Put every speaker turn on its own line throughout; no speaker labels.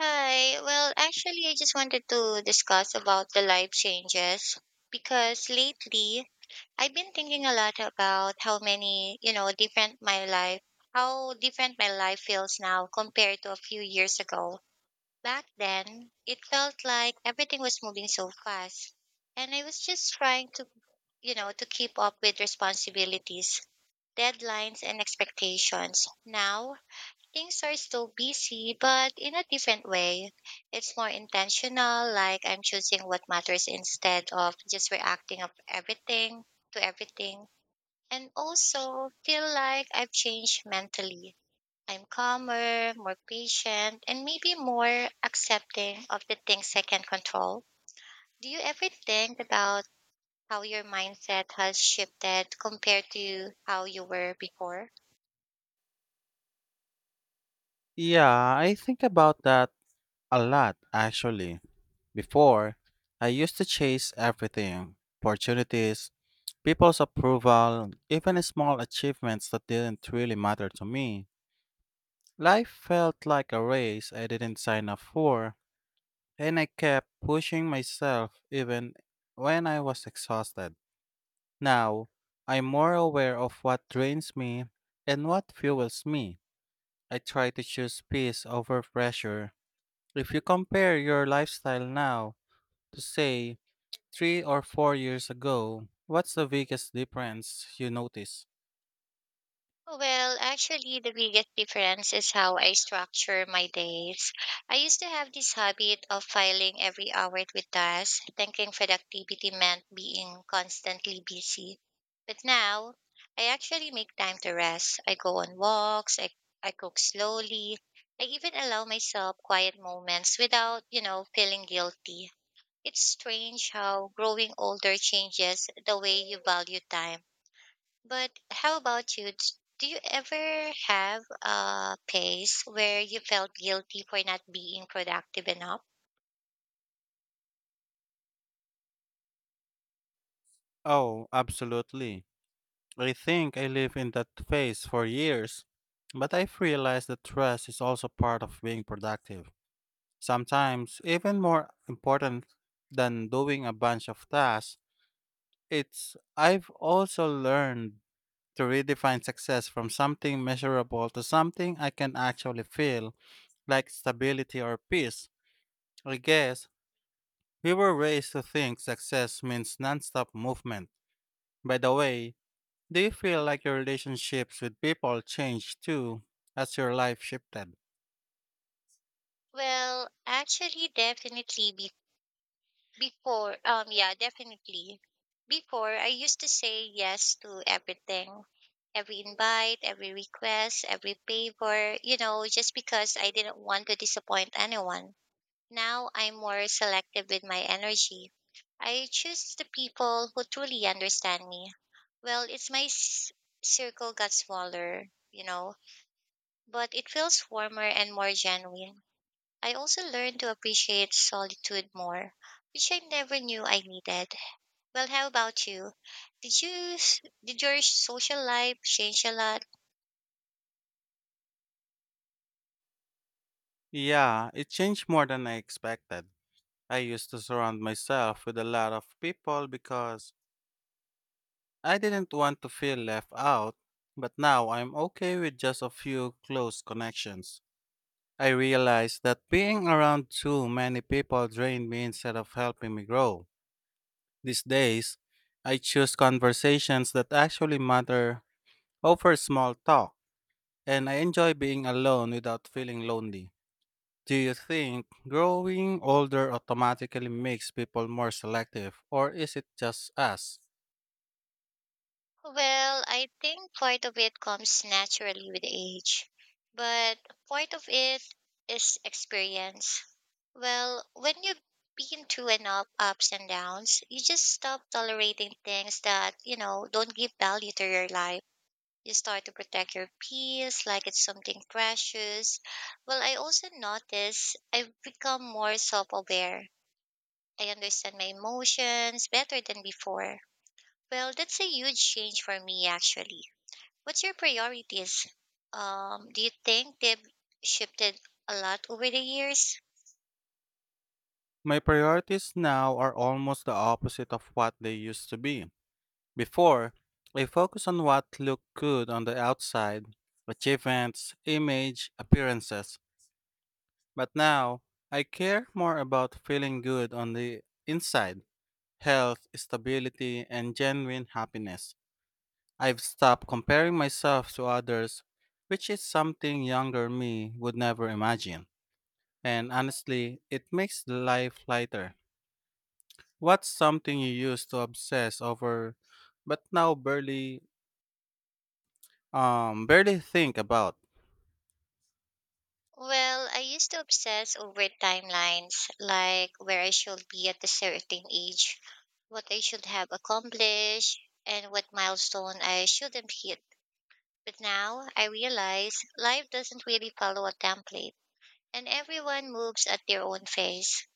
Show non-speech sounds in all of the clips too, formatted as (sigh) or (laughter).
Hi. I just wanted to discuss about the life changes because lately I've been thinking a lot about how different my life feels now compared to a few years ago. Back then, it felt like everything was moving so fast, and I was just trying to keep up with responsibilities, deadlines, and expectations. Now, things are still busy, but in a different way. It's more intentional, like I'm choosing what matters instead of just reacting of everything to everything. And also feel like I've changed mentally. I'm calmer, more patient, and maybe more accepting of the things I can control. Do you ever think about how your mindset has shifted compared to how you were before?
Yeah, I think about that a lot, actually. Before, I used to chase everything, opportunities, people's approval, even small achievements that didn't really matter to me. Life felt like a race I didn't sign up for, and I kept pushing myself even when I was exhausted. Now, I'm more aware of what drains me and what fuels me. I try to choose peace over pressure. If you compare your lifestyle now to, say, 3 or 4 years ago, what's the biggest difference you notice?
The biggest difference is how I structure my days. I used to have this habit of filing every hour with tasks, thinking productivity meant being constantly busy. But now, I actually make time to rest. I go on walks, I cook slowly, I even allow myself quiet moments without feeling guilty. It's strange how growing older changes the way you value time, but how about you? Do you ever have a phase where you felt guilty for not being productive enough?
Oh, absolutely. I think I lived in that phase for years, but I've realized that trust is also part of being productive. Sometimes, even more important than doing a bunch of tasks, it's, I've also learned to redefine success from something measurable to something I can actually feel, like stability or peace. I guess we were raised to think success means nonstop movement. By the way, do you feel like your relationships with people changed too as your life shifted?
Well, actually, definitely be- before, yeah, Definitely. Before, I used to say yes to everything, every invite, every request, every favor, just because I didn't want to disappoint anyone. Now I'm more selective with my energy. I choose the people who truly understand me. Well, it's my s- circle got smaller, you know, but it feels warmer and more genuine. I also learned to appreciate solitude more, which I never knew I needed. Well, how about you? Did you did your social life change a lot?
Yeah, it changed more than I expected. I used to surround myself with a lot of people because I didn't want to feel left out, but now I'm okay with just a few close connections. I realized that being around too many people drained me instead of helping me grow. These days, I choose conversations that actually matter over small talk, and I enjoy being alone without feeling lonely. Do you think growing older automatically makes people more selective, or is it just us?
Well, I think part of it comes naturally with age, but part of it is experience. Well, when you've been through enough ups and downs, you just stop tolerating things that, you know, don't give value to your life. You start to protect your peace like it's something precious. Well, I also notice I've become more self aware. I understand my emotions better than before. Well, that's a huge change for me, actually. What's your priorities? Do you think they've shifted a lot over the years?
My priorities now are almost the opposite of what they used to be. Before, I focused on what looked good on the outside: achievements, image, appearances. But now, I care more about feeling good on the inside: health, stability, and genuine happiness. I've stopped comparing myself to others, which is something younger me would never imagine. And honestly, it makes life lighter. What's something you used to obsess over but now barely, barely think about?
Well, I used to obsess over timelines, like where I should be at a certain age, what I should have accomplished, and what milestone I shouldn't hit. But now I realize life doesn't really follow a template, and everyone moves at their own pace.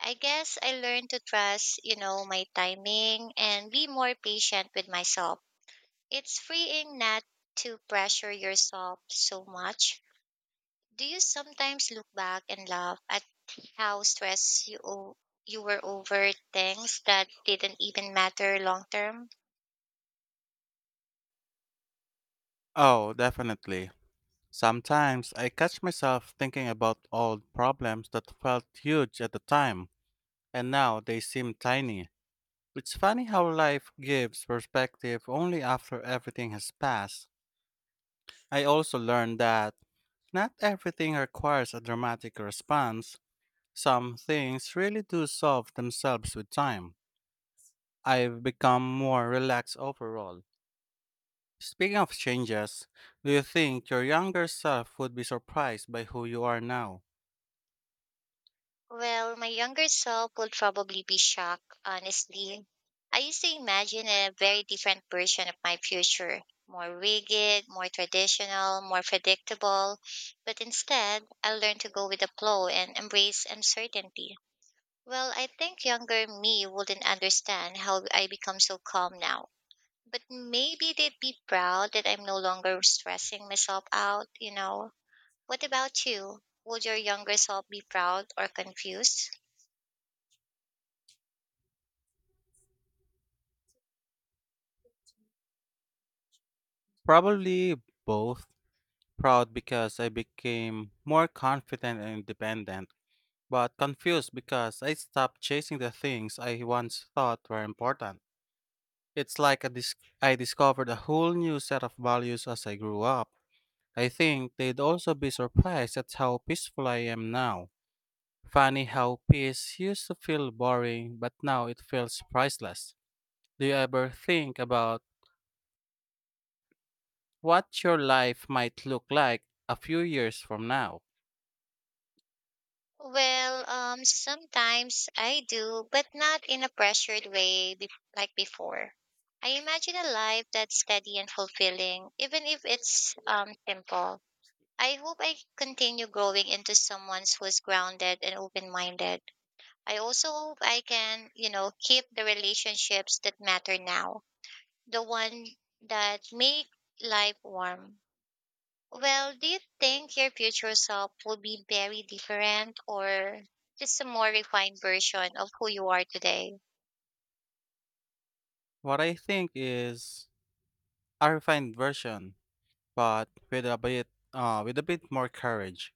I guess I learned to trust, you know, my timing and be more patient with myself. It's freeing not to pressure yourself so much. Do you sometimes look back and laugh at how stressed you o- you were over things that didn't even matter long term?
Oh, definitely. Sometimes I catch myself thinking about old problems that felt huge at the time, and now they seem tiny. It's funny how life gives perspective only after everything has passed. I also learned that not everything requires a dramatic response. Some things really do solve themselves with time. I've become more relaxed overall. Speaking of changes, do you think your younger self would be surprised by who you are now?
Well, my younger self would probably be shocked, honestly. I used to imagine a very different version of my future, more rigid, more traditional, more predictable, but instead, I learned to go with the flow and embrace uncertainty. Well, I think younger me wouldn't understand how I become so calm now, but maybe they'd be proud that I'm no longer stressing myself out, you know. What about you? Would your younger self be proud or confused?
Probably both. Proud because I became more confident and independent, but confused because I stopped chasing the things I once thought were important. It's like I discovered a whole new set of values as I grew up. I think they'd also be surprised at how peaceful I am now. Funny how peace used to feel boring, but now it feels priceless. Do you ever think about what your life might look like a few years from now?
Sometimes I do, but not in a pressured way, like before. I imagine a life that's steady and fulfilling, even if it's simple. I hope I continue growing into someone who's grounded and open minded. I also hope I can, you know, keep the relationships that matter now, the one that make life warm. Well, do you think your future self will be very different or just a more refined version of who you are today?
What I think is a refined version, but with a bit, with a bit more courage.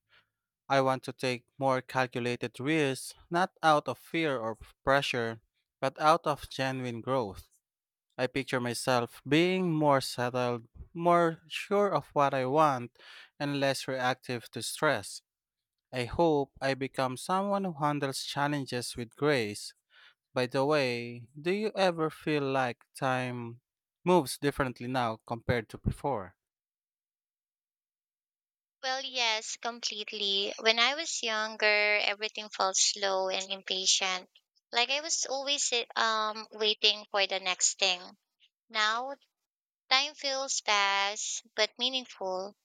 I want to take more calculated risks, not out of fear or pressure, but out of genuine growth. I picture myself being more settled, more sure of what I want, and less reactive to stress. I hope I become someone who handles challenges with grace. By the way, do you ever feel like time moves differently now compared to before?
Well, yes, completely. When I was younger, everything felt slow and impatient. Like I was always waiting for the next thing. Now, time feels fast but meaningful.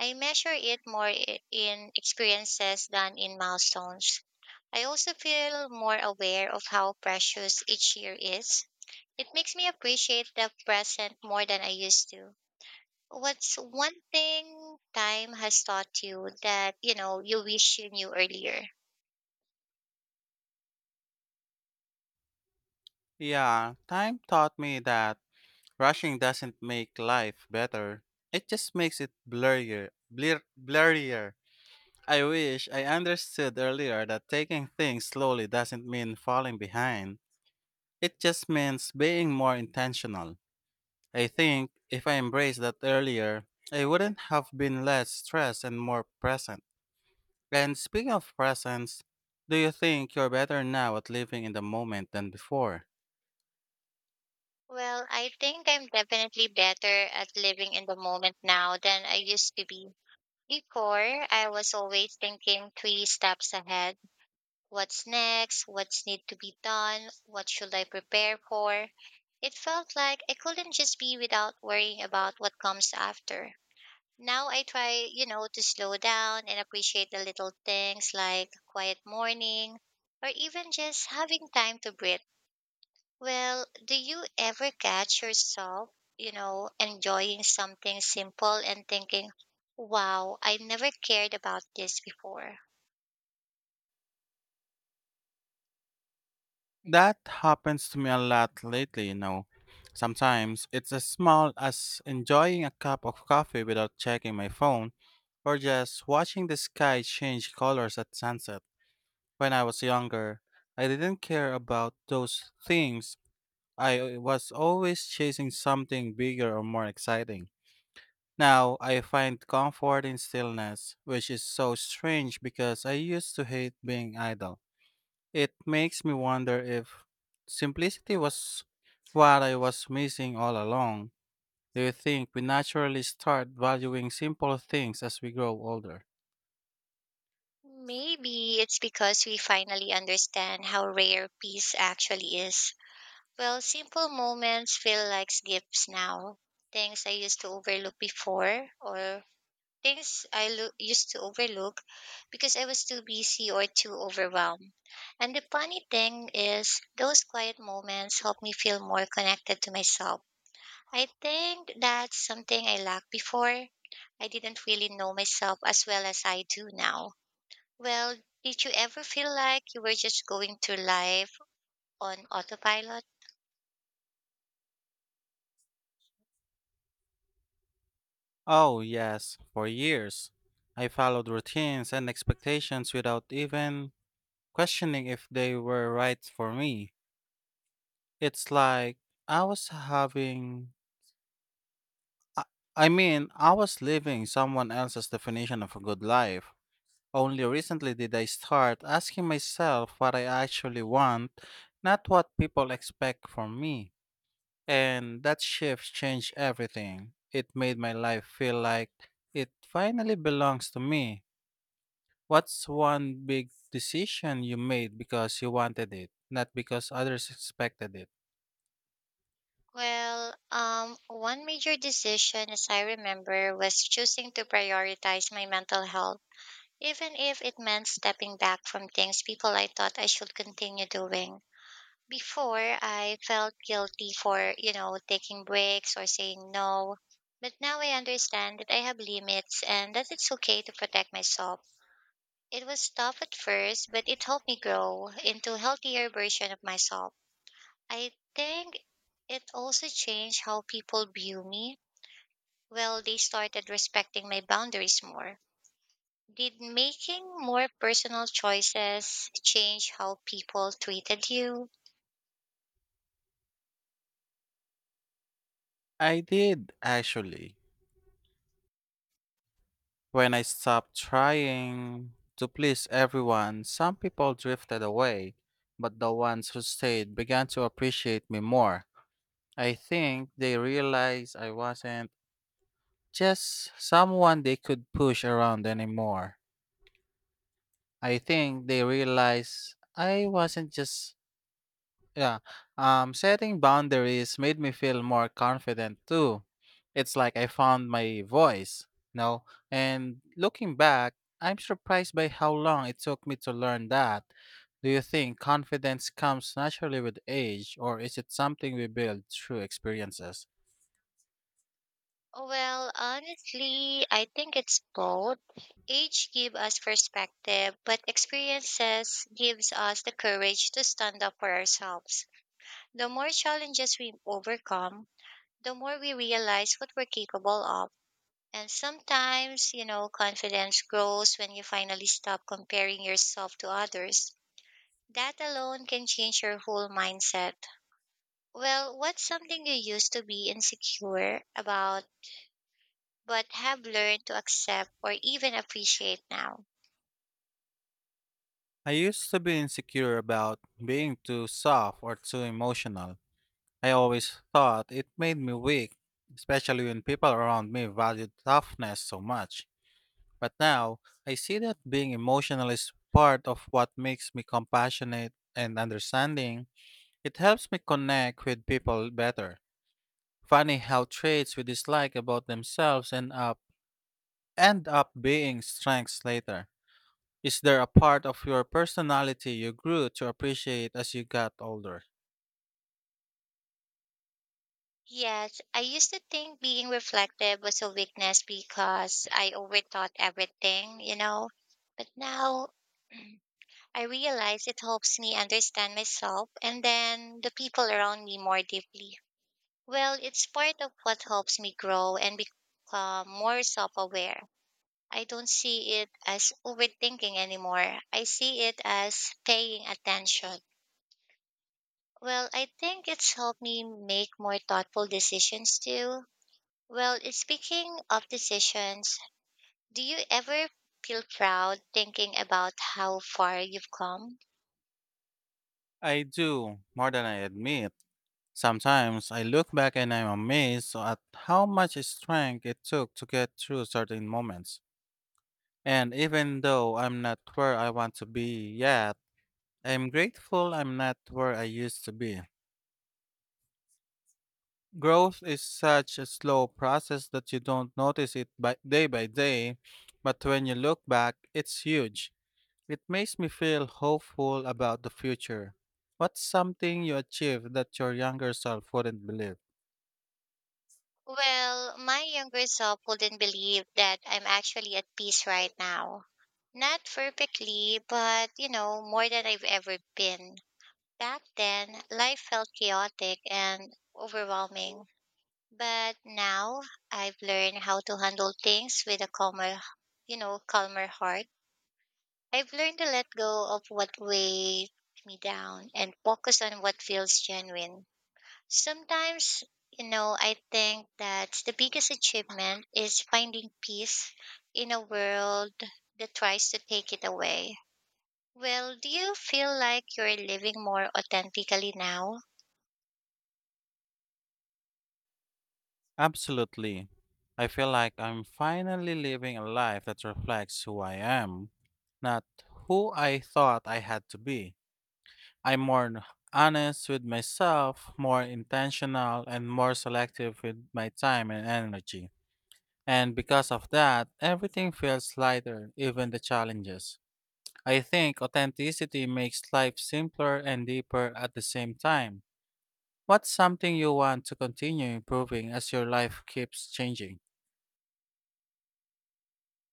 I measure it more in experiences than in milestones. I also feel more aware of how precious each year is. It makes me appreciate the present more than I used to. What's one thing time has taught you that, you know, you wish you knew earlier?
Yeah, time taught me that rushing doesn't make life better. It just makes it blurrier, blurrier. I wish I understood earlier that taking things slowly doesn't mean falling behind. It just means being more intentional. I think if I embraced that earlier, I wouldn't have been less stressed and more present. And speaking of presence, do you think you're better now at living in the moment than before?
Well, I think I'm definitely better at living in the moment now than I used to be. Before, I was always thinking three steps ahead. What's next? What's need to be done? What should I prepare for? It felt like I couldn't just be without worrying about what comes after. Now I try, you know, to slow down and appreciate the little things like a quiet morning or even just having time to breathe. Well, do you ever catch yourself, you know, enjoying something simple and thinking, wow, I never cared about this before?
That happens to me a lot lately, you know. Sometimes it's as small as enjoying a cup of coffee without checking my phone or just watching the sky change colors at sunset. When I was younger, I didn't care about those things. I was always chasing something bigger or more exciting. Now I find comfort in stillness, which is so strange because I used to hate being idle. It makes me wonder if simplicity was what I was missing all along. Do you think we naturally start valuing simple things as we grow older?
Maybe it's because we finally understand how rare peace actually is. Well, simple moments feel like gifts now. Things I used to overlook before, or used to overlook because I was too busy or too overwhelmed. And the funny thing is, those quiet moments help me feel more connected to myself. I think that's something I lacked before. I didn't really know myself as well as I do now. Well, did you ever feel like you were just going through life on autopilot?
Oh, yes, for years. I followed routines and expectations without even questioning if they were right for me. It's like I was having, I, I mean, I was living someone else's definition of a good life. Only recently did I start asking myself what I actually want, not what people expect from me. And that shift changed everything. It made my life feel like it finally belongs to me. What's one big decision you made because you wanted it, not because others expected it?
One major decision, as I remember, was choosing to prioritize my mental health, even if it meant stepping back from things people I thought I should continue doing. Before, I felt guilty for, you know, taking breaks or saying no. But now I understand that I have limits and that it's okay to protect myself. It was tough at first, but it helped me grow into a healthier version of myself. I think it also changed how people view me. Well, they started respecting my boundaries more. Did making more personal choices change how people treated you?
I did, actually. When I stopped trying to please everyone, some people drifted away, but the ones who stayed began to appreciate me more. I think they realized I wasn't just someone they could push around anymore. I think they realized I wasn't just Yeah. Setting boundaries made me feel more confident too. It's like I found my voice, you know? And looking back, I'm surprised by how long it took me to learn that. Do you think confidence comes naturally with age, or is it something we build through experiences?
Well, honestly, I think it's both. Age gives us perspective, but experiences gives us the courage to stand up for ourselves. The more challenges we overcome, the more we realize what we're capable of. And sometimes, you know, confidence grows when you finally stop comparing yourself to others. That alone can change your whole mindset. Well, what's something you used to be insecure about but have learned to accept or even appreciate now?
I used to be insecure about being too soft or too emotional. I always thought it made me weak, especially when people around me valued toughness so much. But now, I see that being emotional is part of what makes me compassionate and understanding. It helps me connect with people better. Funny how traits we dislike about themselves end up being strengths later. Is there a part of your personality you grew to appreciate as you got older?
Yes, I used to think being reflective was a weakness because I overthought everything, you know. But now (clears throat) I realize it helps me understand myself and then the people around me more deeply. Well, it's part of what helps me grow and become more self aware. I don't see it as overthinking anymore. I see it as paying attention. Well, I think it's helped me make more thoughtful decisions too. Well, speaking of decisions, do you ever feel proud thinking about how far you've come?
I do, more than I admit. Sometimes I look back and I'm amazed at how much strength it took to get through certain moments. And even though I'm not where I want to be yet, I'm grateful I'm not where I used to be. Growth is such a slow process that you don't notice it by day, but when you look back, it's huge. It makes me feel hopeful about the future. What's something you achieved that your younger self wouldn't believe?
Well, my younger self wouldn't believe that I'm actually at peace right now. Not perfectly, but you know, more than I've ever been. Back then, life felt chaotic and overwhelming. But now I've learned how to handle things with a calmer, you know, calmer heart. I've learned to let go of what weighed me down and focus on what feels genuine. Sometimes, you know, I think that the biggest achievement is finding peace in a world that tries to take it away. Well, do you feel like you're living more authentically now?
Absolutely. I feel like I'm finally living a life that reflects who I am, not who I thought I had to be. I'm more honest with myself, more intentional, and more selective with my time and energy. And because of that, everything feels lighter, even the challenges. I think authenticity makes life simpler and deeper at the same time. What's something you want to continue improving as your life keeps changing?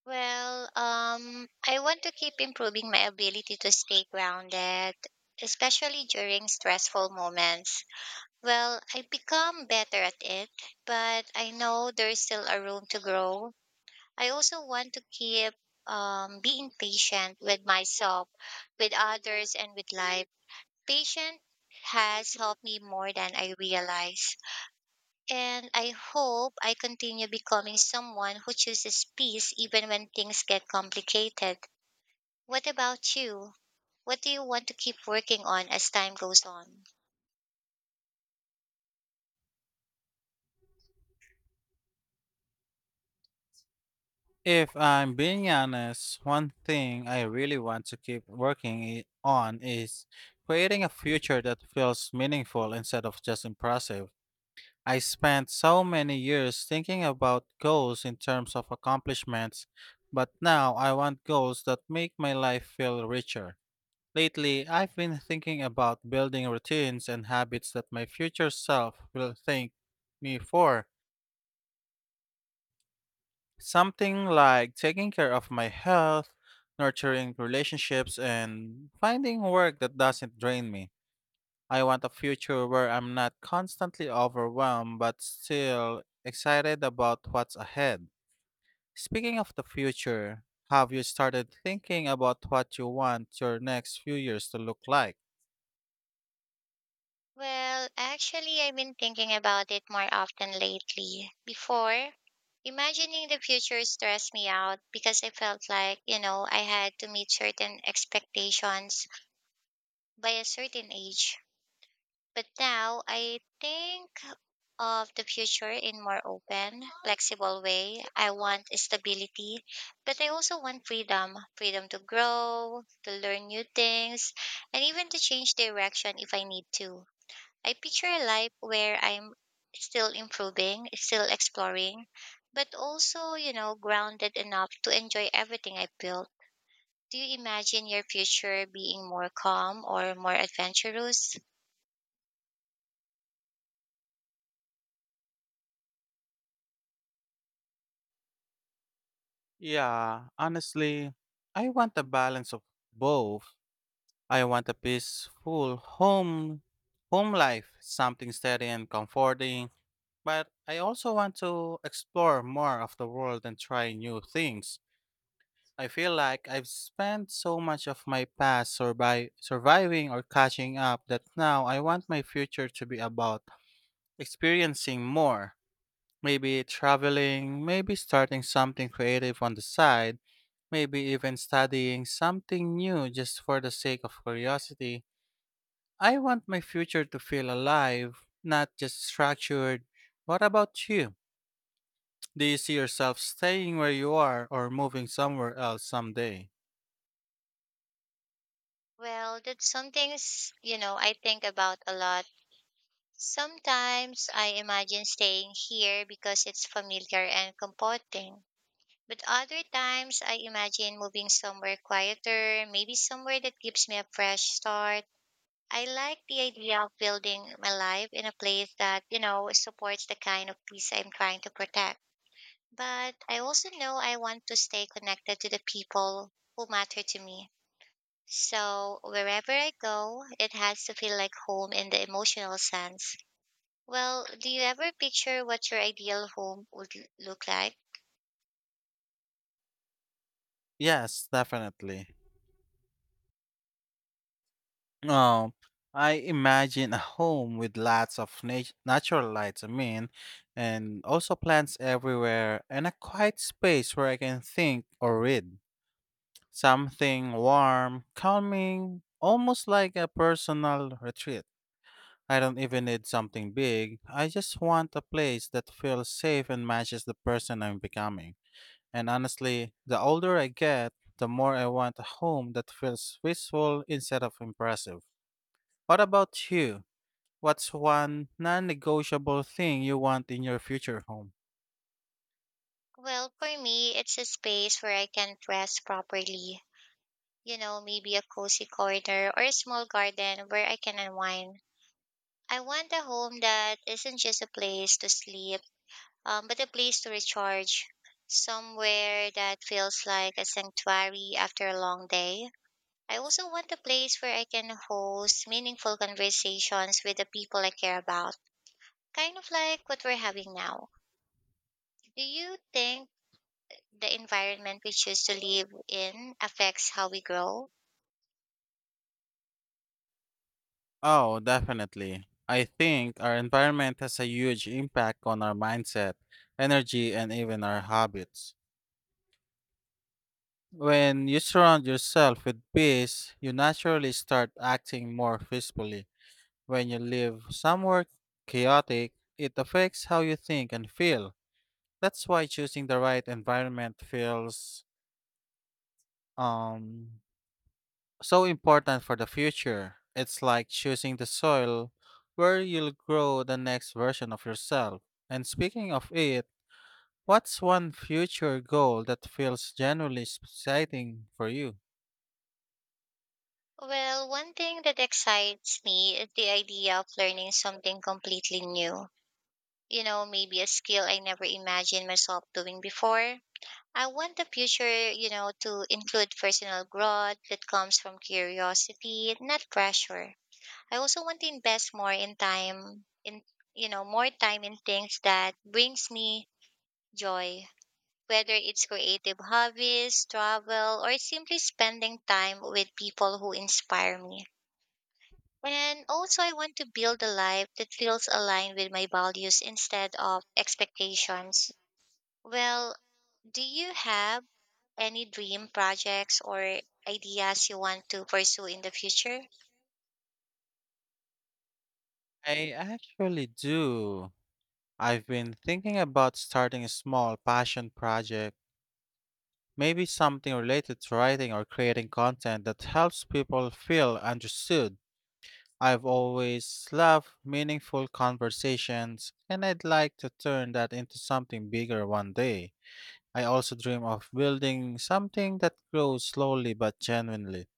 I want to keep improving my ability to stay grounded, especially during stressful moments. Well, I become better at it, but I know there's still a room to grow. I also want to keep being patient with myself, with others, and with life. Patient has helped me more than I realize. And I hope I continue becoming someone who chooses peace even when things get complicated. What about you? What do you want to keep working on as time goes on?
If I'm being honest, one thing I really want to keep working on is creating a future that feels meaningful instead of just impressive. I spent so many years thinking about goals in terms of accomplishments, but now I want goals that make my life feel richer. Lately, I've been thinking about building routines and habits that my future self will thank me for. Something like taking care of my health, nurturing relationships, and finding work that doesn't drain me. I want a future where I'm not constantly overwhelmed but still excited about what's ahead. Speaking of the future, have you started thinking about what you want your next few years to look like?
I've been thinking about it more often lately. Before, imagining the future stressed me out because I felt like, you know, I had to meet certain expectations by a certain age. But now I think of the future in more open, flexible way. I want stability, but I also want freedom, freedom to grow, to learn new things, and even to change direction if I need to. I picture a life where I'm still improving, still exploring, but also, you know, grounded enough to enjoy everything I built. Do you imagine your future being more calm or more adventurous?
Yeah, honestly, I want a balance of both. I want a peaceful home life, something steady and comforting, but I also want to explore more of the world and try new things. I feel like I've spent so much of my past surviving or catching up that now I want my future to be about experiencing more. Maybe traveling, maybe starting something creative on the side, maybe even studying something new just for the sake of curiosity. I want my future to feel alive, not just structured. What about you? Do you see yourself staying where you are or moving somewhere else someday?
Well, that's some things, you know, I think about a lot. Sometimes I imagine staying here because it's familiar and comforting. But other times I imagine moving somewhere quieter, maybe somewhere that gives me a fresh start. I like the idea of building my life in a place that, you know, supports the kind of peace I'm trying to protect. But I also know I want to stay connected to the people who matter to me. So wherever I go, it has to feel like home in the emotional sense. Well, do you ever picture what your ideal home would look like?
Yes, definitely. Um, I imagine a home with lots of natural lights, I mean, and also plants everywhere, and a quiet space where I can think or read. Something warm, calming, almost like a personal retreat. I don't even need something big. I just want a place that feels safe and matches the person I'm becoming. And honestly, the older I get, the more I want a home that feels peaceful instead of impressive. What about you? What's one non negotiable thing you want in your future home?
Well, for me, it's a space where I can rest properly. You know, maybe a cozy corner or a small garden where I can unwind. I want a home that isn't just a place to sleep, but a place to recharge. Somewhere that feels like a sanctuary after a long day. I also want a place where I can host meaningful conversations with the people I care about, kind of like what we're having now. Do you think the environment we choose to live in affects how we grow?
Oh, definitely. I think our environment has a huge impact on our mindset, energy, and even our habits. When you surround yourself with peace, you naturally start acting more peacefully. When you live somewhere chaotic, it affects how you think and feel. That's why choosing the right environment feels um so important for the future. It's like choosing the soil where you'll grow the next version of yourself. And speaking of it, what's one future goal that feels genuinely exciting for you?
Well, one thing that excites me is the idea of learning something completely new, maybe a skill I never imagined myself doing before. I want the future, to include personal growth that comes from curiosity, not pressure. I also want to invest more in time in, more time in things that brings me joy, whether it's creative hobbies, travel, or simply spending time with people who inspire me. And also, I want to build a life that feels aligned with my values instead of expectations. Well, do you have any dream projects or ideas you want to pursue in the future?
I actually do. I've been thinking about starting a small passion project, maybe something related to writing or creating content that helps people feel understood. I've always loved meaningful conversations, and I'd like to turn that into something bigger one day. I also dream of building something that grows slowly but genuinely.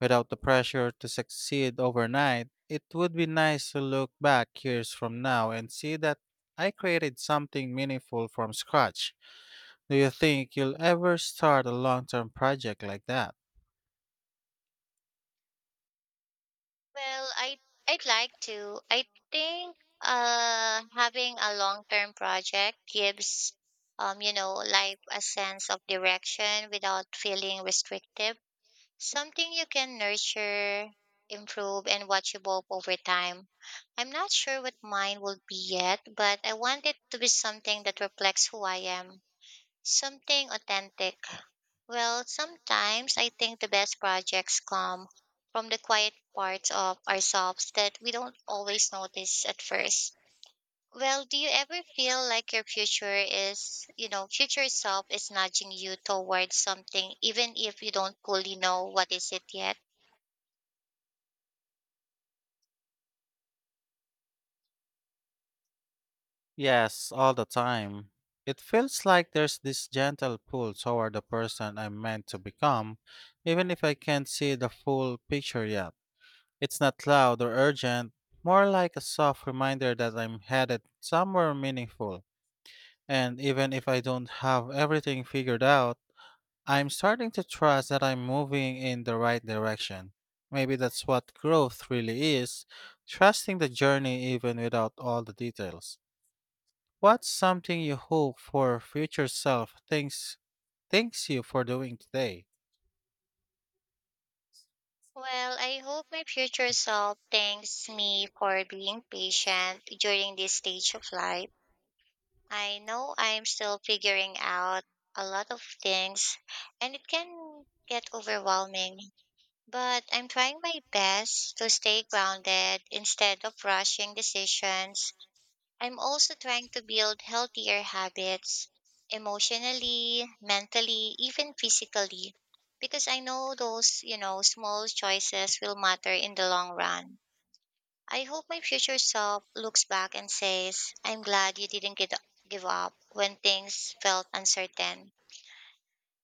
Without the pressure to succeed overnight, it would be nice to look back years from now and see that I created something meaningful from scratch. Do you think you'll ever start a long term project like that?
Well, I'd like to. I think having a long-term project gives, life a sense of direction without feeling restrictive. Something you can nurture, improve and watch evolve over time. I'm not sure what mine will be yet, but I want it to be something that reflects who I am. Something authentic. Well, sometimes I think the best projects come from the quiet parts of ourselves that we don't always notice at first. Well, do you ever feel like your future self is nudging you towards something, even if you don't fully know what is it yet?
Yes, all the time. It feels like there's this gentle pull toward the person I'm meant to become, even if I can't see the full picture yet. It's not loud or urgent, more like a soft reminder that I'm headed somewhere meaningful. And even if I don't have everything figured out, I'm starting to trust that I'm moving in the right direction. Maybe that's what growth really is, trusting the journey even without all the details. What's something you hope for future self thinks thanks you for doing today?
Well, I hope my future self thanks me for being patient during this stage of life. I know I'm still figuring out a lot of things and it can get overwhelming, but I'm trying my best to stay grounded instead of rushing decisions. I'm also trying to build healthier habits emotionally, mentally, even physically, because I know those, small choices will matter in the long run. I hope my future self looks back and says, I'm glad you didn't get, give up when things felt uncertain.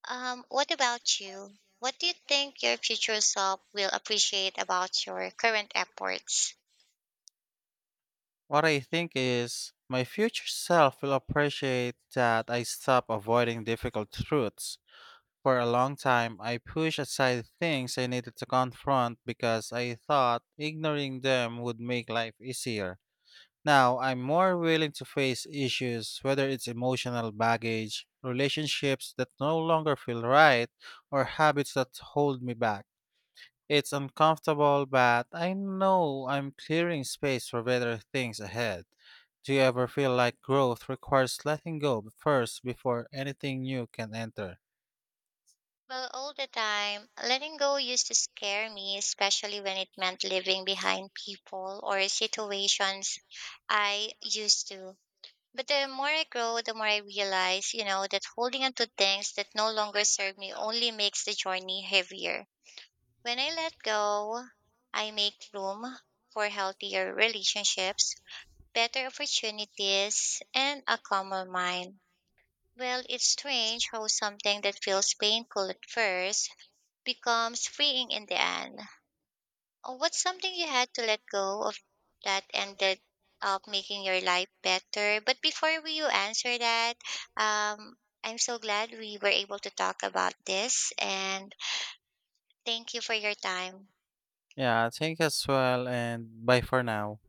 What about you? What do you think your future self will appreciate about your current efforts?
What I think is my future self will appreciate that I stop avoiding difficult truths. For a long time, I pushed aside things I needed to confront because I thought ignoring them would make life easier. Now, I'm more willing to face issues, whether it's emotional baggage, relationships that no longer feel right, or habits that hold me back. It's uncomfortable, but I know I'm clearing space for better things ahead. Do you ever feel like growth requires letting go first before anything new can enter?
Well, all the time, letting go used to scare me, especially when it meant leaving behind people or situations I used to. But the more I grow, the more I realize, that holding on to things that no longer serve me only makes the journey heavier. When I let go, I make room for healthier relationships, better opportunities, and a calmer mind. Well, it's strange how something that feels painful at first becomes freeing in the end. What's something you had to let go of that ended up making your life better? But before you answer that, um, I'm so glad we were able to talk about this and thank you for your time.
Yeah, thank you as well, and bye for now.